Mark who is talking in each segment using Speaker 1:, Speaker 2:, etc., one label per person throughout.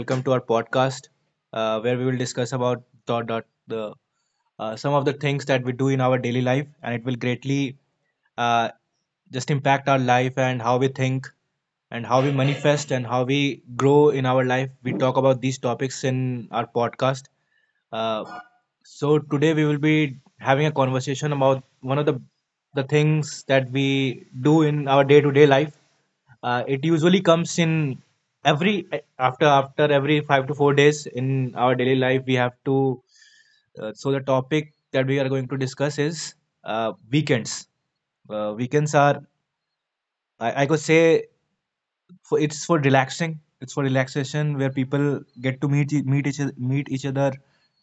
Speaker 1: Welcome to our podcast, where we will discuss about dot dot the some of the things that we do in our daily life, and it will greatly uh, just impact our life and how we think and how we manifest and how we grow in our life. We talk about these topics in our podcast. Uh, so today we will be having a conversation about one of the things that we do in our day-to-day life. It usually comes in every after every 5 to 4 days in our daily life. We have to. So the topic that we are going to discuss is weekends. Weekends are I could say for it's for relaxing it's for relaxation where people get to meet each other,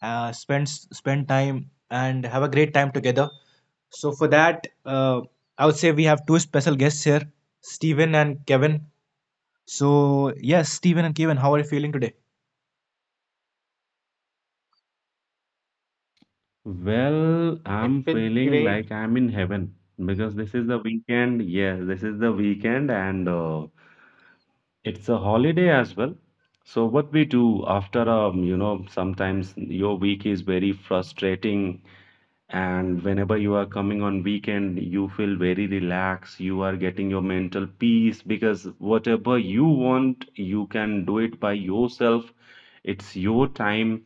Speaker 1: uh, spend spend time and have a great time together. So for that, uh, I would say we have two special guests here, Steven and Kevin. So yes, Steven and Kevin, how are you feeling today?
Speaker 2: Well,
Speaker 3: It
Speaker 2: I'm
Speaker 3: feels
Speaker 2: feeling
Speaker 3: great.
Speaker 2: like I'm in heaven because this is the weekend. Yes, this is the weekend, and it's a holiday as well. So what we do after sometimes your week is very frustrating, and whenever you are coming on weekend, you feel very relaxed. You are getting your mental peace because whatever you want, you can do it by yourself. It's your time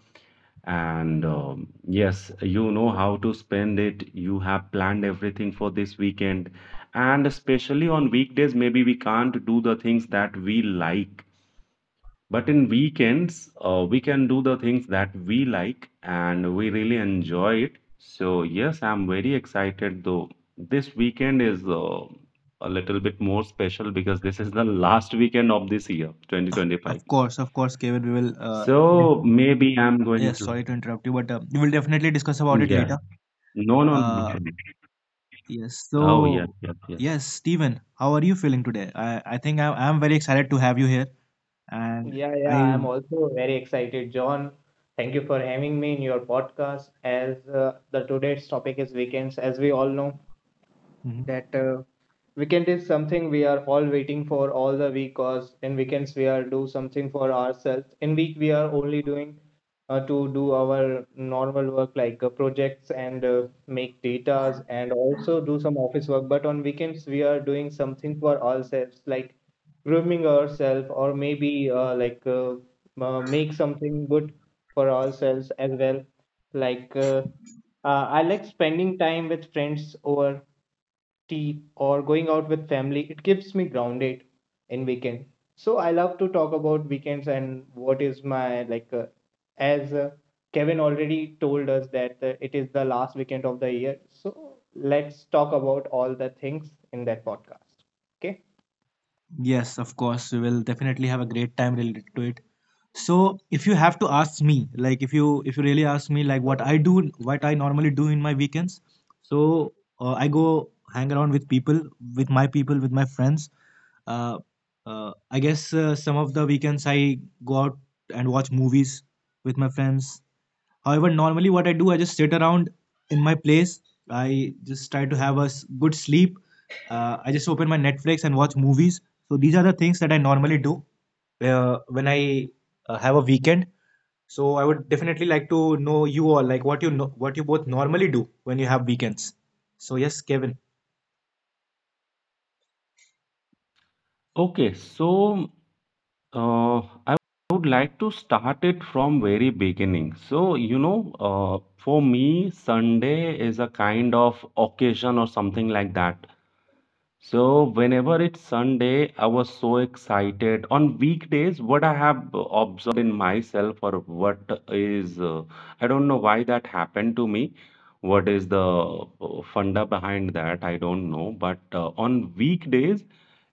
Speaker 2: and yes, you know how to spend it. You have planned everything for this weekend. And especially on weekdays, maybe we can't do the things that we like. But in weekends, we can do the things that we like and we really enjoy it. So, yes, I'm very excited though. This weekend is a little bit more special because this is the last weekend of this year,
Speaker 1: Of
Speaker 2: 2025.
Speaker 1: course, of course, Kevin, we will def-
Speaker 2: So, maybe I'm going
Speaker 1: yes,
Speaker 2: to.
Speaker 1: sorry to interrupt you, but we will definitely discuss about it
Speaker 2: Yes.
Speaker 1: later.
Speaker 2: No, no, no. No.
Speaker 1: uh,
Speaker 2: No.
Speaker 1: yes,
Speaker 2: Oh, yes,
Speaker 1: so
Speaker 2: yes, yes.
Speaker 1: yes, Steven, how are you feeling today? I think I am very excited to have you here. And
Speaker 3: Yeah, yeah,
Speaker 1: I.
Speaker 3: I'm also very excited, John. Thank you for having me in your podcast. As the today's topic is weekends, as we all know,
Speaker 1: Mhm.
Speaker 3: that weekend is something we are all waiting for all the week cause in weekends we are do something for ourselves in week we are only doing to do our normal work like projects and make datas and also do some office work but on weekends we are doing something for ourselves like grooming ourselves or maybe like make something good for ourselves as well like I like spending time with friends over tea or going out with family. It keeps me grounded in weekend, so I love to talk about weekends and what is my like as Kevin already told us that it is the last weekend of the year, so let's talk about all the things in that podcast. okay
Speaker 1: Yes, of course, we will definitely have a great time related to it. So if you have to ask me, like, if you really ask me, like, what I do, what I normally do in my weekends, so I go hang around with people, with my friends. Uh, I guess some of the weekends I go out and watch movies with my friends. However, normally what I do, I just sit around in my place. I just try to have good sleep. I just open my Netflix and watch movies. So these are the things that I normally do when I have a weekend. So I would definitely like to know you all, like, what you both normally do when you have weekends. So yes, Kevin.
Speaker 2: Okay, so uh, I would like to start it from very beginning. So, for me, Sunday is a kind of occasion or something like that. So, whenever it's Sunday, I was so excited. On weekdays, what I have observed in myself, or what is, I don't know why that happened to me. What is the funda behind that? I don't know. But on weekdays,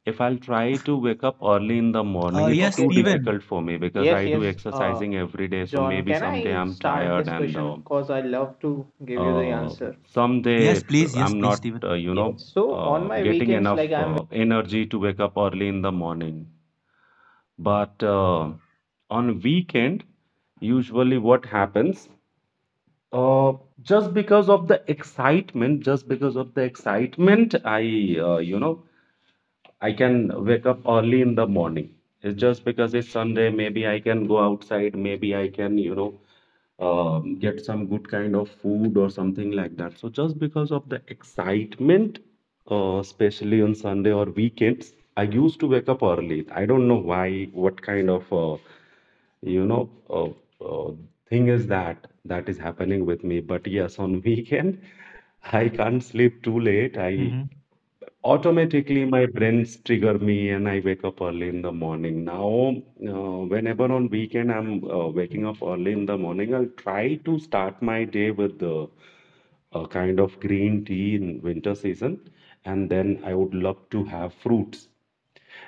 Speaker 2: if I'll try to wake up early in the morning, it's
Speaker 1: Yes,
Speaker 3: Okay.
Speaker 2: too
Speaker 3: uh,
Speaker 1: Steven.
Speaker 2: difficult for me because
Speaker 3: Yes,
Speaker 2: I do
Speaker 3: yes, uh
Speaker 2: exercising every day. So
Speaker 3: John,
Speaker 2: maybe
Speaker 3: can
Speaker 2: someday
Speaker 3: I
Speaker 2: I'm
Speaker 3: start
Speaker 2: tired
Speaker 3: this
Speaker 2: and
Speaker 3: question because I love to give you the
Speaker 2: uh,
Speaker 3: answer.
Speaker 1: Yes,
Speaker 2: someday
Speaker 1: please. Yes,
Speaker 2: I'm
Speaker 1: please,
Speaker 2: not,
Speaker 1: Steven.
Speaker 3: Yes. So on my
Speaker 2: getting
Speaker 3: weekends,
Speaker 2: enough
Speaker 3: like I'm
Speaker 2: energy to wake up early in the morning. But on weekend, usually what happens? Uh, just because of the excitement, I can wake up early in the morning. It's just because it's Sunday, maybe I can go outside, maybe I can, get some good kind of food or something like that. So just because of the excitement, especially on Sunday or weekends, I used to wake up early. I don't know why, what kind of, you know, uh, uh, thing is that is happening with me. But yes, on weekend, I can't sleep too late. I
Speaker 1: Hmm.
Speaker 2: Automatically, my brains trigger me, and I wake up early in the morning. Now, whenever on weekend I'm waking up early in the morning, I'll try to start my day with the a kind of green tea in winter season, and then I would love to have fruits.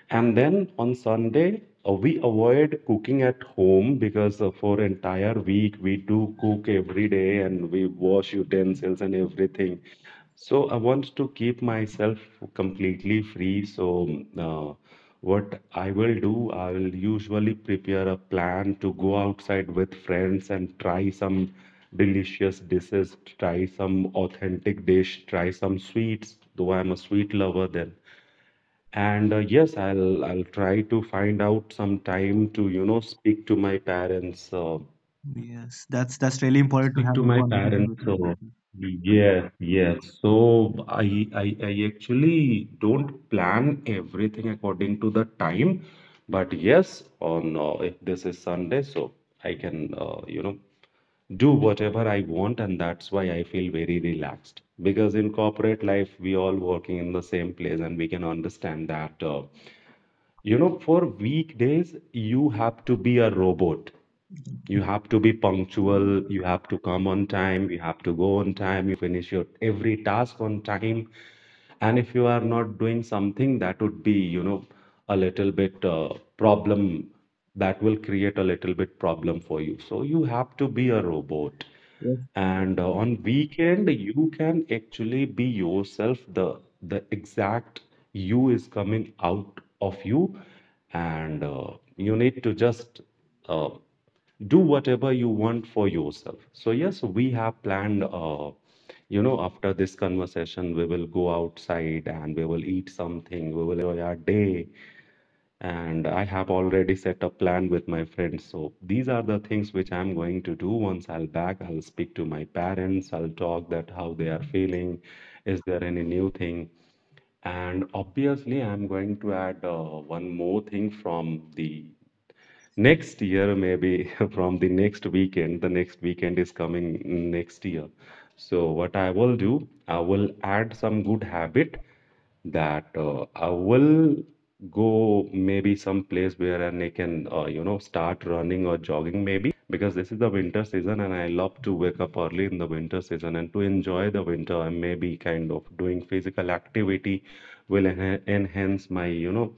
Speaker 2: And then on Sunday, we avoid cooking at home because for entire week we do cook every day and we wash utensils and everything. So I want to keep myself completely free. So what I will do, I will usually prepare a plan to go outside with friends and try some delicious dishes, try some authentic dish, try some sweets, though I'm a sweet lover then. And yes, I'll try to find out some time to, speak to my parents.
Speaker 1: Yes, that's really important to
Speaker 2: Speak
Speaker 1: have
Speaker 2: to
Speaker 1: a
Speaker 2: my
Speaker 1: conversation
Speaker 2: parents.
Speaker 1: with my
Speaker 2: So
Speaker 1: partner.
Speaker 2: yes, yes. So I actually don't plan everything according to the time, but yes, on if this is Sunday, so I can do whatever I want, and that's why I feel very relaxed. Because in corporate life, we all working in the same place, and we can understand that for weekdays you have to be a robot. You have to be punctual, you have to come on time, you have to go on time, you finish your every task on time. And if you are not doing something, that would be, a little bit problem that will create a little bit problem for you. So you have to be a robot.
Speaker 1: Yes.
Speaker 2: And on weekend, you can actually be yourself. The exact you is coming out of you, and you need to just uh, do whatever you want for yourself. So yes, we have planned after this conversation we will go outside and we will eat something. We will our day and I have already set a plan with my friends. So these are the things which I'm going to do. Once I'll back, I'll speak to my parents. I'll talk that how they are feeling, is there any new thing? And obviously I'm going to add one more thing from the next year, maybe from the next weekend. The next weekend is coming next year. So what I will do, I will add some good habit that I will go maybe some place where and I can start running or jogging maybe, because this is the winter season and I love to wake up early in the winter season and to enjoy the winter. And maybe kind of doing physical activity will enhance my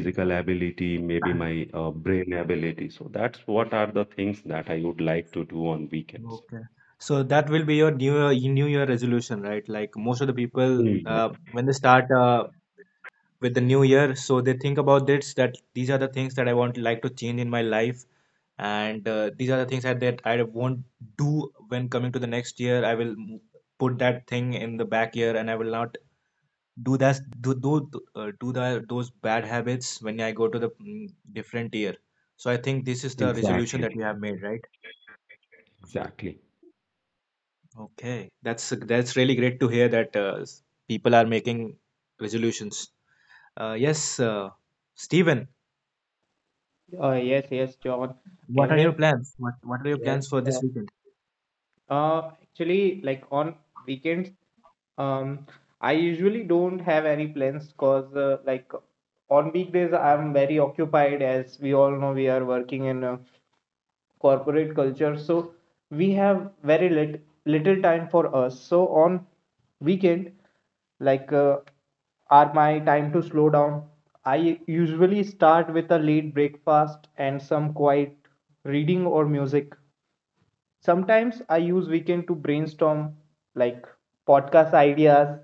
Speaker 1: Yeah. Yeah.
Speaker 2: ability, maybe my brain ability. So that's what are the things that I would like to do on weekends.
Speaker 1: Okay. So that will be your new year, resolution, right? Like most of the people,
Speaker 2: Hmm,
Speaker 1: when they start with the new year, so they think about this that these are the things that I want, like, to change in my life, and these are the things that I won't do when coming to the next year. I will put that thing in the back year, and I will not do that do do do the those bad habits when I go to the different year. So I think this is the resolution that
Speaker 2: exactly,
Speaker 1: we have made, right?
Speaker 2: exactly.
Speaker 1: Okay, that's really great to hear that people are making resolutions. Yes, Stephen,
Speaker 3: yes, yes, John,
Speaker 1: what are your
Speaker 3: Kevin.
Speaker 1: plans? What are your
Speaker 3: Yes.
Speaker 1: plans for this weekend?
Speaker 3: Actually, like on weekends, um, I usually don't have any plans because, like, on weekdays, I'm very occupied. As we all know, we are working in a corporate culture, so we have very lit little time for us. So on weekend, like, are my time to slow down. I usually start with a late breakfast and some quiet reading or music. Sometimes I use weekend to brainstorm like podcast ideas,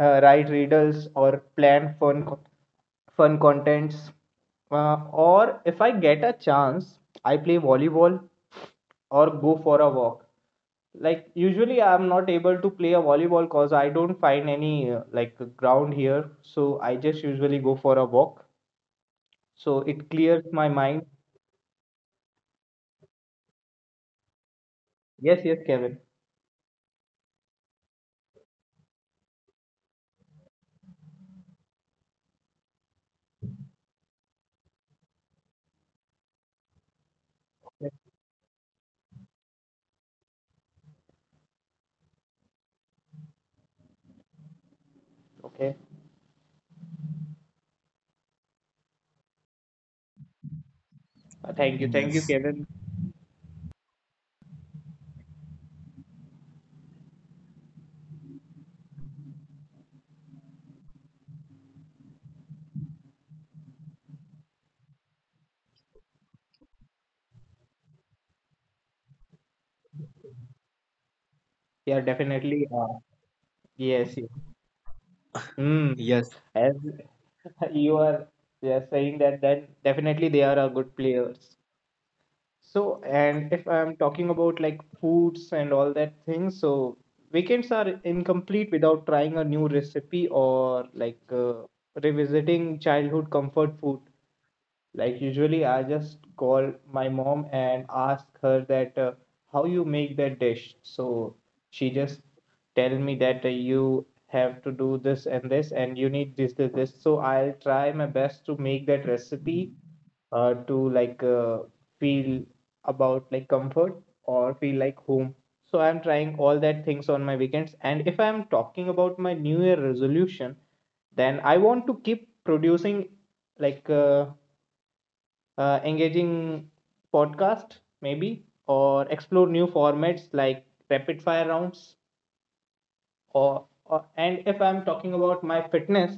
Speaker 3: write riddles or plan fun contents, or if I get a chance I play volleyball or go for a walk. Like usually I'm not able to play a volleyball cause I don't find any like ground here, so I just usually go for a walk, so it clears my mind. Yes, yes, Kevin. Yes, okay. Thank you, thank you,
Speaker 1: Yes,
Speaker 3: Kevin. Yeah, definitely, yes, yes. Mm.
Speaker 1: yes,
Speaker 3: As you are you are saying that, then definitely they are a good players. So, and if I'm talking about like foods and all that things, so weekends are incomplete without trying a new recipe or like revisiting childhood comfort food. Like usually I just call my mom and ask her that how you make that dish. So she just tell me that you have to do this and this and you need this, this, this. So I'll try my best to make that recipe to like feel about like comfort or feel like home. So I'm trying all that things on my weekends. And if I'm talking about my New Year resolution, then I want to keep producing like engaging podcast maybe or explore new formats like rapid fire rounds or. And if I'm talking about my fitness,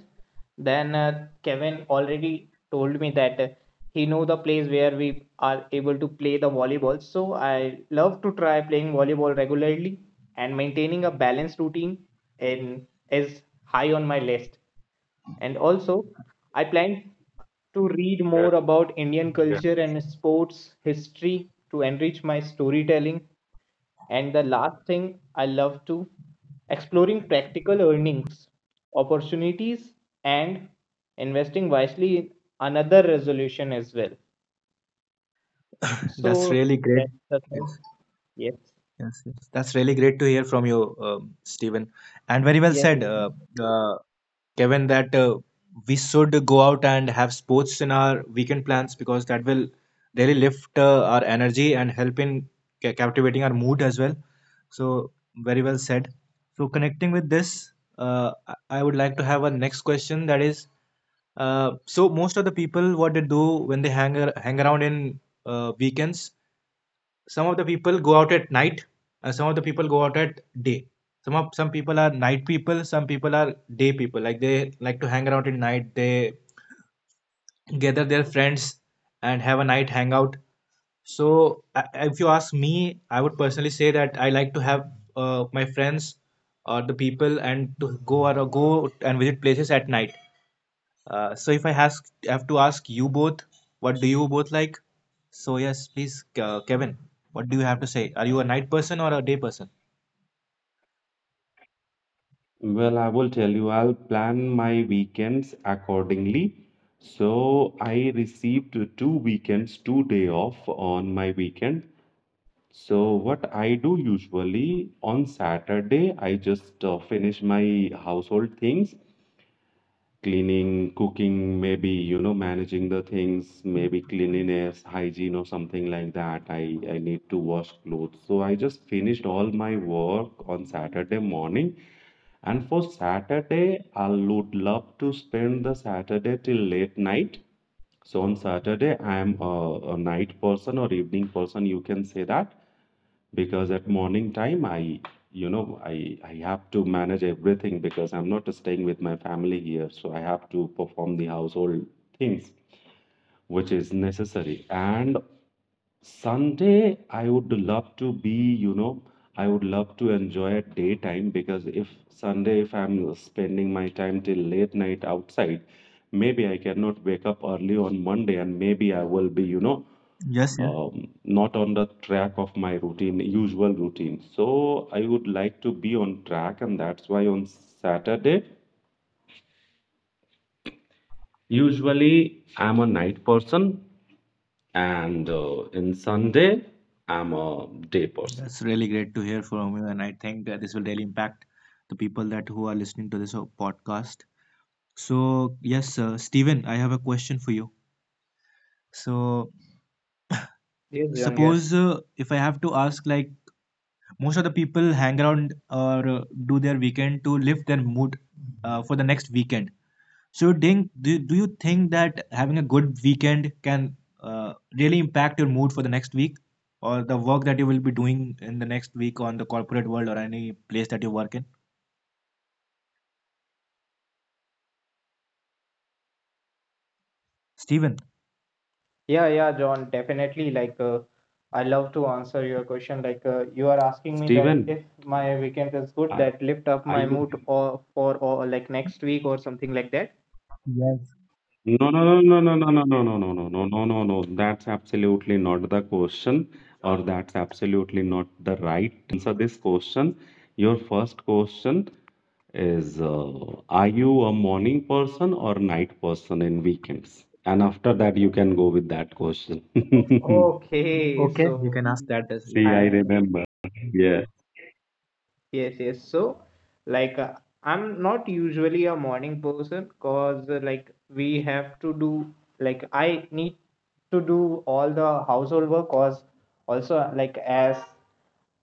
Speaker 3: then Kevin already told me that he know the place where we are able to play the volleyball, so I love to try playing volleyball regularly and maintaining a balanced routine is high on my list. And also, I plan to read
Speaker 2: Yeah,
Speaker 3: more about Indian
Speaker 2: yeah.
Speaker 3: culture and sports history to enrich my storytelling. And the last thing, I love to exploring practical earnings opportunities and investing wisely in another resolution as well.
Speaker 1: that's
Speaker 3: So
Speaker 1: really great.
Speaker 3: that's the
Speaker 1: Yes,
Speaker 3: thing. Yes.
Speaker 1: yes, yes. That's really great to hear from you, Stephen. And very well
Speaker 3: Yes.
Speaker 1: said.
Speaker 3: Yes, John.
Speaker 1: Uh, Kevin, that we should go out and have sports in our weekend plans, because that will really lift our energy and help in captivating our mood as well. So, very well said. So, connecting with this, I would like to have a next question, that is, so, most of the people, what they do when they hang around in weekends, some of the people go out at night, some of the people go out at day, some people are night people, some people are day people, like, they like to hang around at night, they gather their friends and have a night hangout. So if you ask me, I would personally say that I like to have my friends or the people and to go or go and visit places at night. So if I ask, have to ask you both, what do you both like? So yes, please, Kevin, what do you have to say? Are you a night person or a day person?
Speaker 2: Well, I will tell you, I'll plan my weekends accordingly. So I received 2 weekends, 2 day off on my weekend. So what I do usually on Saturday, I just finish my household things, cleaning, cooking, maybe, managing the things, maybe cleanliness, hygiene or something like that. I need to wash clothes. So I just finished all my work on Saturday morning. And for Saturday, I would love to spend the Saturday till late night. So on Saturday, I am a night person or evening person, you can say that, because at morning time, I, you know, I have to manage everything because I'm not staying with my family here. So I have to perform the household things which is necessary. And Sunday, I would love to enjoy a daytime because if Sunday, if I'm spending my time till late night outside, maybe I cannot wake up early on Monday and maybe I will be,
Speaker 1: Yes, yes.
Speaker 2: not on the track of my routine, usual routine. So I would like to be on track, and that's why on Saturday, usually I'm a night person, and in Sunday, I'm a day person.
Speaker 1: That's really great to hear from you, and I think that this will really impact the people that who are listening to this podcast. So yes, Steven, I have a question for you. So
Speaker 3: Yes, John. Yes.
Speaker 1: suppose if I have to ask, like, most of the people hang around or do their weekend to lift their mood for the next weekend. So, Ding, do you think that having a good weekend can really impact your mood for the next week or the work that you will be doing in the next week on the corporate world or any place that you work in? Steven.
Speaker 3: Yeah, yeah, John, definitely. Like, I love to answer your question. Like, you are asking me that
Speaker 2: Steven,
Speaker 3: if my weekend is good,
Speaker 2: are,
Speaker 3: that lift up
Speaker 2: are
Speaker 3: my
Speaker 2: you?
Speaker 3: mood or for or like next week or something like that.
Speaker 1: Yes.
Speaker 2: No, no, no, no, no, no, no, no, no, no, no, no, no, no. That's absolutely not the question, or that's absolutely not the right time to answer this question. Your first question is, are you a morning person or night person in weekends? And after that, you can go with that question.
Speaker 3: Okay,
Speaker 1: Okay, you
Speaker 3: so
Speaker 1: can ask that as you
Speaker 2: See, I
Speaker 3: I
Speaker 1: can.
Speaker 2: remember. Yeah.
Speaker 3: yes, yes. So, like, I'm not usually a morning person because like we have to do like I need to do all the household work. Cause also like as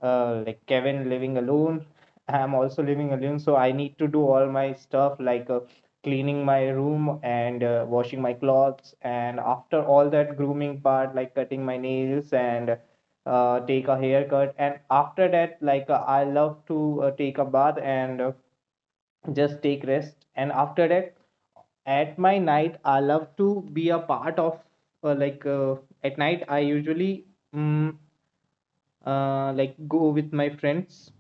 Speaker 3: like Kevin living alone, I'm also living alone, so I need to do all my stuff like cleaning my room and washing my clothes. And after all that grooming part, like cutting my nails and take a haircut. And after that, like I love to take a bath and just take rest. And after that, at my night, I love to be a part of like at night. I usually mm, like go with my friends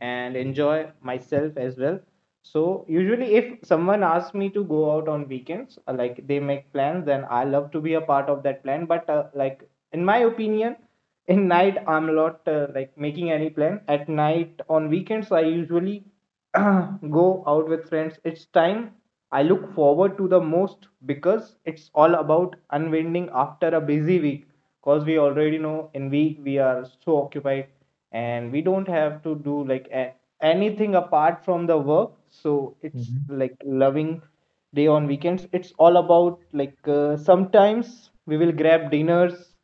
Speaker 3: and enjoy myself as well. So usually if someone asks me to go out on weekends, like they make plans, then I love to be a part of that plan. But like in my opinion, in night I'm not like making any plan. At night on weekends I usually go out with friends. It's time I look forward to the most because it's all about unwinding after a busy week. Because we already know in week we are so occupied and we don't have to do like anything apart from the work, so it's
Speaker 1: Mhm.
Speaker 3: like loving day. On weekends it's all about like sometimes we will grab dinners,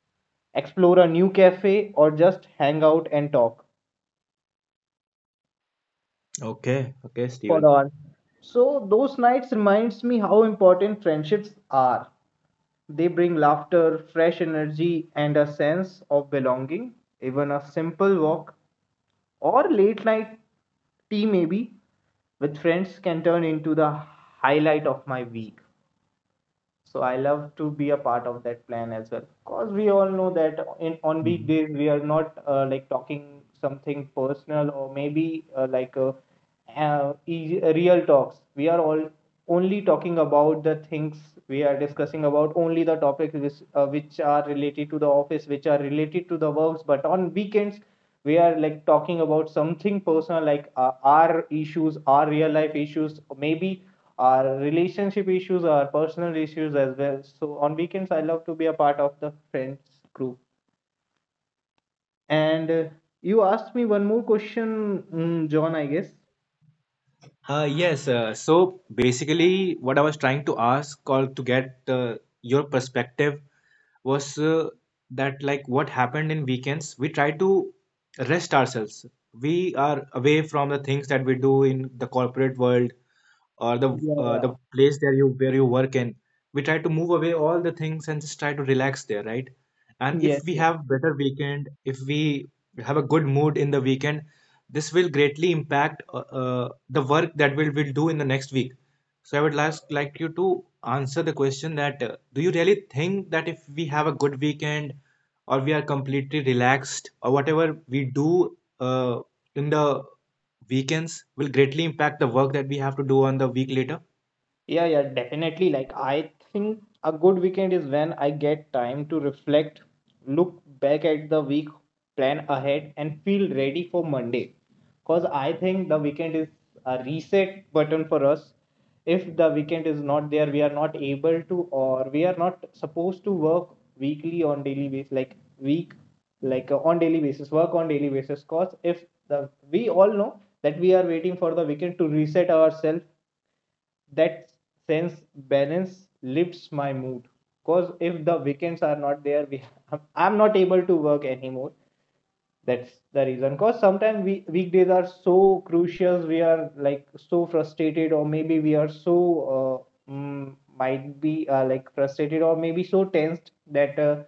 Speaker 3: explore a new cafe or just hang out and talk
Speaker 1: Okay, okay,
Speaker 3: for
Speaker 1: Steven.
Speaker 3: on. So those nights reminds me how important friendships are. They bring laughter, fresh energy and a sense of belonging. Even a simple walk or late night tea maybe with friends can turn into the highlight of my week, so I love to be a part of that plan as well. Because we all know that in on
Speaker 1: Mhm.
Speaker 3: weekdays we are not like talking something personal or maybe like easy- real talks. We are all only talking about the things we are discussing about, only the topics which are related to the office, which are related to the works. But on weekends we are like talking about something personal like our issues, our real life issues, maybe our relationship issues, our personal issues as well. So on weekends, I love to be a part of the friends group. And you asked me one more question, John, I guess.
Speaker 1: Yes, so basically, what I was trying to ask or to get your perspective was that, like, what happened in weekends, we try to rest ourselves, we are away from the things that we do in the corporate world or
Speaker 3: Yeah,
Speaker 1: the
Speaker 3: yeah.
Speaker 1: place that you where you work in, we try to move away all the things and just try to relax there, right? And if
Speaker 3: Yes,
Speaker 1: we
Speaker 3: yes.
Speaker 1: have better weekend, if we have a good mood in the weekend, this will greatly impact the work that we'll, will do in the next week. So I would last like you to answer the question that do you really think that if we have a good weekend or we are completely relaxed or whatever we do in the weekends will greatly impact the work that we have to do on the week later.
Speaker 3: Yeah, yeah, definitely. Like, I think a good weekend is when I get time to reflect, look back at the week, plan ahead, and feel ready for Monday. Because I think the weekend is a reset button for us. If the weekend is not there, we are not able to, or we are not supposed to work weekly on daily basis, like week, like on daily basis, work on daily basis. Because if the we all know that we are waiting for the weekend to reset ourselves. That sense balance lifts my mood, because if the weekends are not there, we I'm not able to work anymore. That's the reason, because sometimes we weekdays are so crucial, we are like so frustrated or maybe we are so uh, might be like frustrated or maybe so tensed that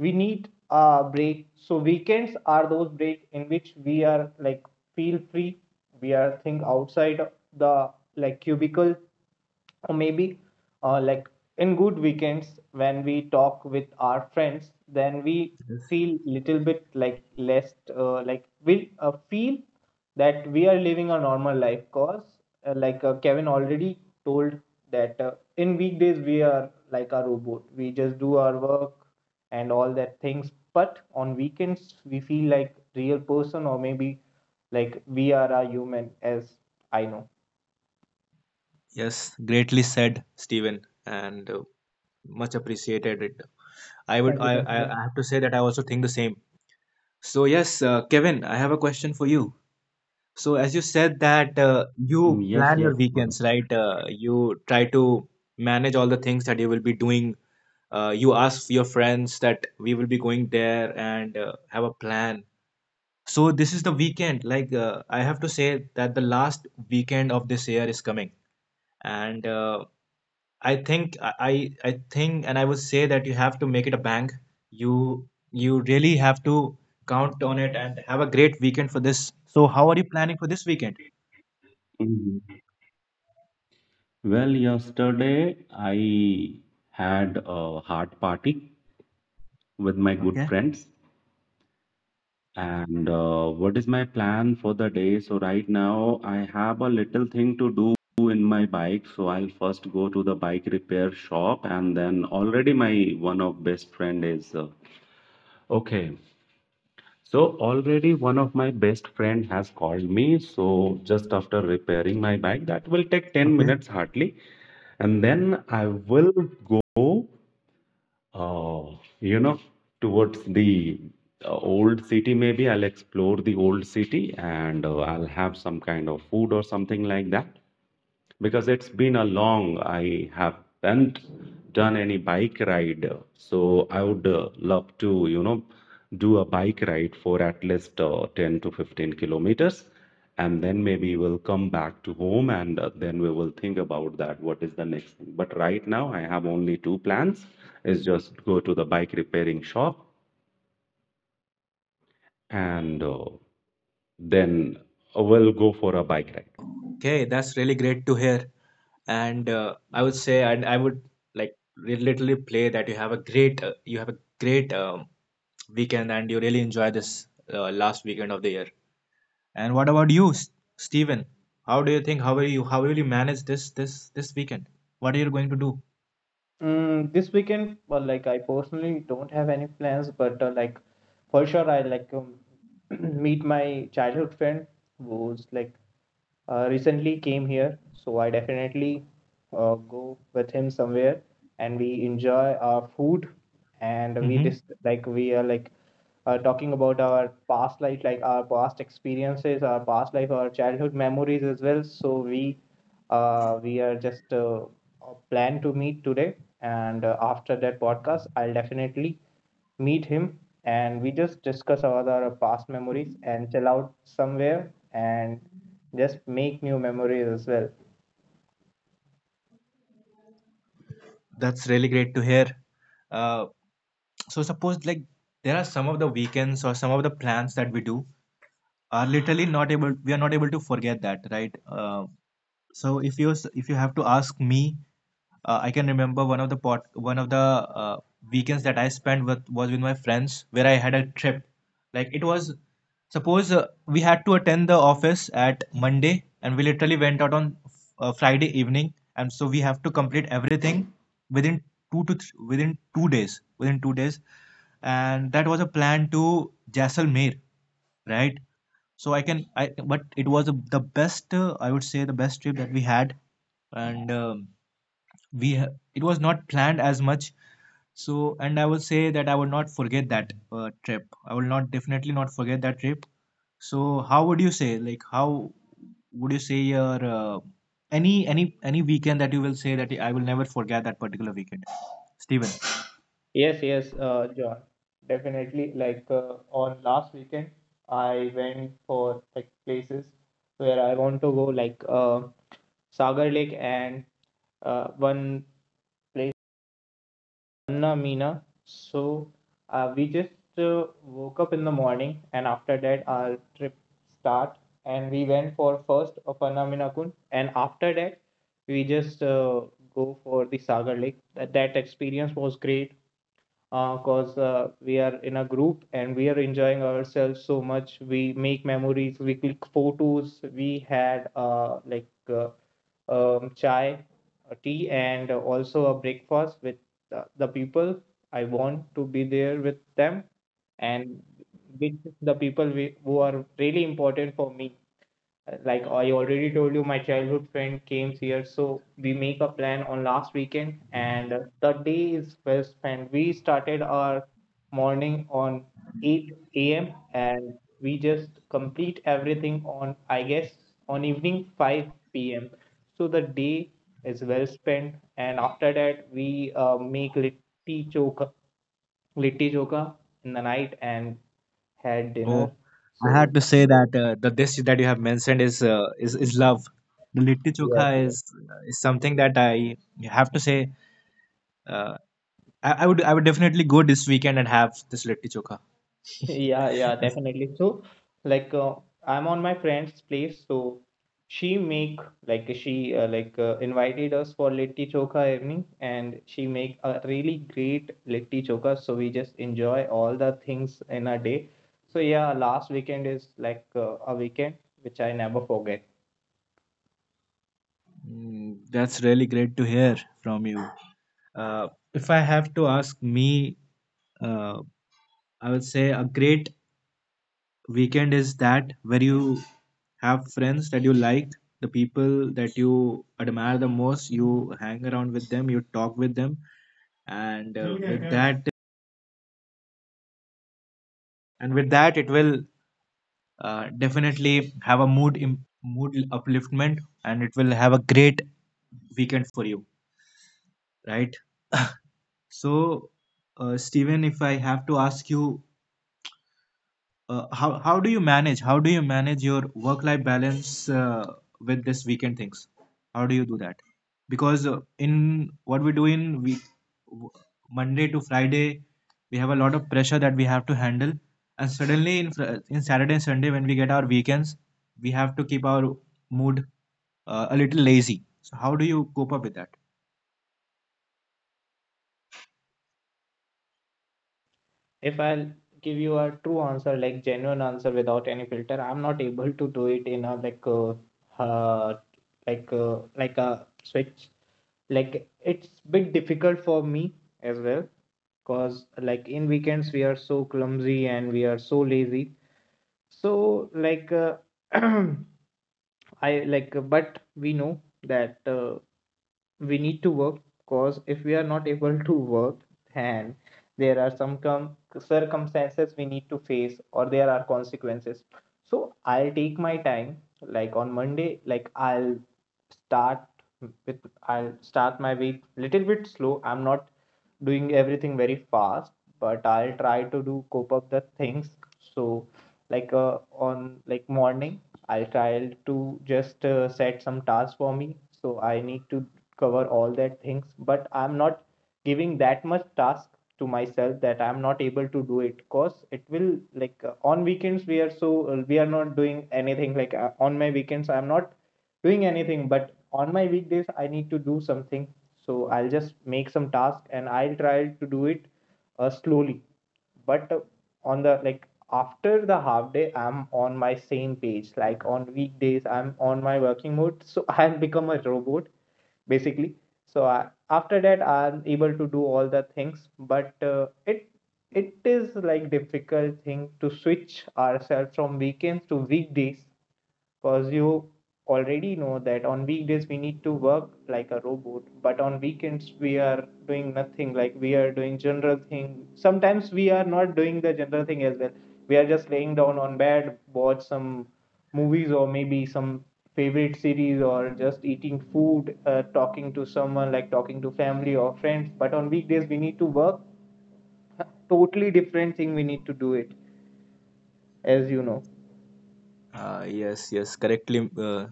Speaker 3: we need a break. So weekends are those break in which we are like feel free. We are think outside of the like cubicle or maybe like in good weekends when we talk with our friends, then we feel little bit like less like we feel that we are living a normal life, cause like Kevin already told that in weekdays we are like a robot, we just do our work and all that things, but on weekends we feel like real person or maybe like we are a human, as I know.
Speaker 1: Yes, greatly said, Stephen, and much appreciated it. I would,
Speaker 3: Thank you, thank you.
Speaker 1: I have to say that I also think the same. So yes, Kevin, I have a question for you. So as you said that
Speaker 2: Mm,
Speaker 1: you
Speaker 2: yes,
Speaker 1: plan
Speaker 2: yes.
Speaker 1: your
Speaker 2: Right.
Speaker 1: weekends, right? You try to manage all the things that you will be doing. You ask your friends that we will be going there and have a plan. So this is the weekend. Like, I have to say that the last weekend of this year is coming, and I think I think and I would say that you have to make it a bang. You really have to count on it and have a great weekend for this. So how are you planning for this weekend?
Speaker 2: Mhm. Well, yesterday I had a heart party with my good
Speaker 1: Okay.
Speaker 2: friends. And what is my plan for the day? So right now I have a little thing to do in my bike. So I'll first go to the bike repair shop, and then already my one of best friend is okay. So already one of my best friend has called me. So just after repairing my bike, that will take 10
Speaker 1: Okay.
Speaker 2: minutes hardly, and then I will go, oh, towards the old city. Maybe I'll explore the old city and I'll have some kind of food or something like that because it's been a long I haven't done any bike ride. So I would love to, do a bike ride for at least 10 to 15 kilometers. And then maybe we'll come back to home and then we will think about that. What is the next thing? But right now, I have only two plans is just go to the bike repairing shop and then we'll go for a bike ride.
Speaker 1: Okay, that's really great to hear. And I would say, and I would like literally play that you have a great, you have a great weekend, and you really enjoy this last weekend of the year. And what about you, Steven? How do you think, how will you manage this weekend? What are you going to do?
Speaker 3: Mm, this weekend, well, like I personally don't have any plans, but like for sure I like meet my childhood friend who's like recently came here, so I definitely go with him somewhere and we enjoy our food and we
Speaker 1: Hmm.
Speaker 3: just like we are like talking about our past life, like our past experiences, our past life, our childhood memories as well. So we are just plan to meet today and after that podcast, I'll definitely meet him and we just discuss about our past memories and chill out somewhere and just make new memories as well.
Speaker 1: That's really great to hear. Uh, so suppose, like, there are some of the weekends or some of the plans that we do are literally not able we are not able to forget that, right? Uh, so if you s- if you have to ask me, I can remember one of the pot one of the weekends that I spent with was with my friends, where I had a trip. Like, it was, suppose, we had to attend the office at Monday and we literally went out on Friday evening, and so we have to complete everything within 2 days, within 2 days, and that was a plan to Jaisalmer, right? So I can, I, but it was the best, I would say the best trip that we had, and we ha- it was not planned as much, so and I would say that I would not forget that trip. I will not definitely not forget that trip. So how would you say, like, how would you say your any weekend that you will say that I will never forget that particular weekend, Steven?
Speaker 3: Yes, yes, John, definitely. Like on last weekend, I went for like places where I want to go, like Sagar Lake and one place Anna Meena. So we just woke up in the morning, and after that our trip start, and we went for first of Anna Meena Kund, and after that we just go for the Sagar Lake. That experience was great because we are in a group and we are enjoying ourselves so much. We make memories, we click photos, we had like chai, tea, and also a breakfast with the people. I want to be there with them and with the people we, who are really important for me. Like I already told you, my childhood friend came here, so we make a plan on last weekend, and the day is well spent. We started our morning on 8 a.m. and we just complete everything on, I guess, on evening 5 p.m. So the day is well spent, and after that we make litti choka in the night and had
Speaker 1: Oh,
Speaker 3: dinner.
Speaker 1: I had
Speaker 3: So
Speaker 1: to say that the dish that you have mentioned is is love. The litti
Speaker 3: yes,
Speaker 1: chokha
Speaker 3: yes.
Speaker 1: is something that I have to say, uh, I would, I would definitely go this weekend and have this litti chokha.
Speaker 3: Yeah, yeah, definitely. So, like, I'm on my friend's place, so she make like she like invited us for litti chokha evening, and she make a really great litti chokha. So we just enjoy all the things in a day. So yeah, last weekend is like a weekend which I never forget.
Speaker 1: Mm. That's really great to hear from you. Uh, if I have to ask me, uh, I would say a great weekend is that where you have friends that you like, the people that you admire the most, you hang around with them, you talk with them, and with that, it will definitely have a mood upliftment, and it will have a great weekend for you, right? So, Steven, if I have to ask you, how do you manage? How do you manage your work-life balance with this weekend things? How do you do that? Because in what we do in w- Monday to Friday, we have a lot of pressure that we have to handle, and suddenly in Saturday and Sunday when we get our weekends, we have to keep our mood a little lazy. So, how do you cope up with that?
Speaker 3: If I'll give you a true answer, like genuine answer without any filter, I'm not able to do it in a uh like a switch. Like it's bit difficult for me as well because like in weekends we are so clumsy and we are so lazy, so I like, but we know that we need to work, because if we are not able to work, then there are some circumstances we need to face, or there are consequences. So I'll take my time. Like on Monday, like start with I'll start my week little bit slow. I'm not doing everything very fast, but I'll try to do cope up the things. So on like morning I will try to just set some tasks for me. So I need to cover all that things, but I'm not giving that much task to myself that I'm not able to do it. Cause it will on weekends we are so we are not doing anything. Like on my weekends I'm not doing anything, but on my weekdays I need to do something. So I'll just make some task and I'll try to do it slowly, but on the like after the half day I'm on my same page, like on weekdays I'm on my working mode. So I have become a robot basically, so I, after that I'm able to do all the things. But it is like difficult thing to switch ourselves from weekends to weekdays, because you already know that on weekdays we need to work like a robot, but on weekends we are doing nothing, like we are doing general thing. Sometimes we are not doing the general thing as well, we are just laying down on bed, watch some movies or maybe some favorite series, or just eating food, talking to someone, like talking to family or friends. But on weekdays we need to work totally different thing, we need to do it, as you know.
Speaker 1: Yes, yes, correctly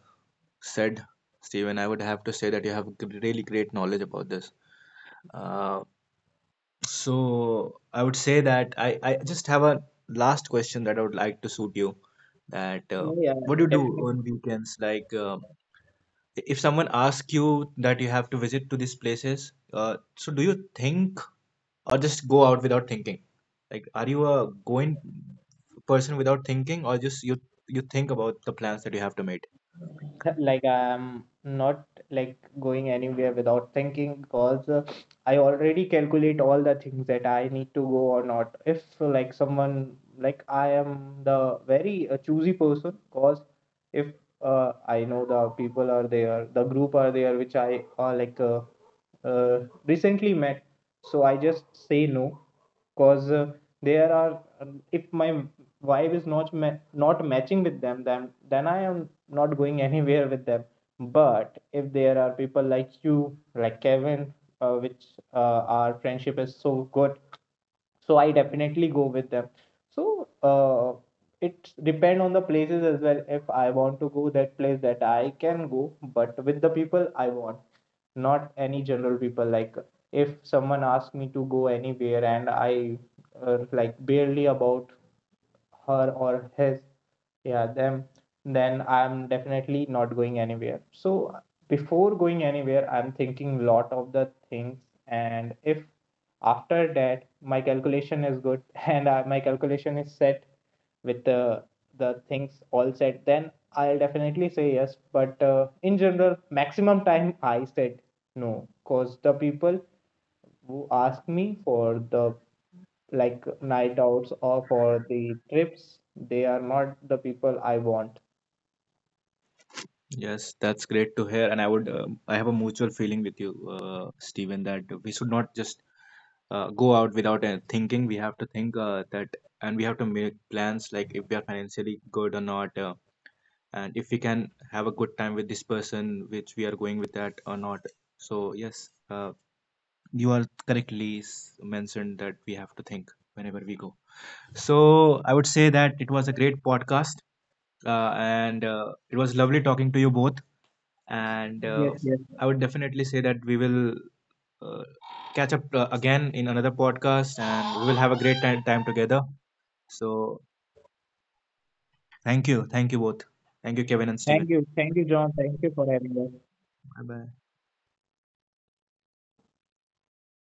Speaker 1: said, Steven. I would have to say that you have really great knowledge about this. Uh, so I would say that I just have a last question that I would like to suit you. That
Speaker 3: Yeah, yeah,
Speaker 1: what do you do
Speaker 3: definitely.
Speaker 1: on weekends? Like, if someone asks you that you have to visit to these places, so do you think or just go out without thinking? Like, are you a going person without thinking, or just you think about the plans that you have to make?
Speaker 3: Like I'm not like going anywhere without thinking, because I already calculate all the things that I need to go or not. If like someone like I am the very choosy person, because if I know the people are there, the group are there which I uh, recently met, so I just say no, because there are if my vibe is not not matching with them, then I am not going anywhere with them. But if there are people like you, like Kevin, which uh, our friendship is so good, so I definitely go with them. So it depends on the places as well. If I want to go that place, that I can go, but with the people I want, not any general people. Like if someone asks me to go anywhere and I like barely about her or his, yeah, them, then I'm definitely not going anywhere. So before going anywhere I'm thinking lot of the things, and if after that my calculation is good and my calculation is set with the things all set, then I'll definitely say yes. But in general maximum time I said no, cause the people who asked me for the like night outs or for the trips, they are not the people I want.
Speaker 1: Yes, that's great to hear. And I would, I have a mutual feeling with you, Stephen, that we should not just go out without thinking. We have to think that, and we have to make plans, like, if we are financially good or not, and if we can have a good time with this person, which we are going with that or not. So, yes, you are correctly mentioned that we have to think whenever we go. So, I would say that it was a great podcast, and it was lovely talking to you both, and
Speaker 3: Yes, yes.
Speaker 1: I would definitely say that we will uh, catch up again in another podcast, and we will have a great time together. So thank you both, thank you Kevin and Steven.
Speaker 3: Thank you. Thank you, John. Thank you for having us.
Speaker 1: Bye bye.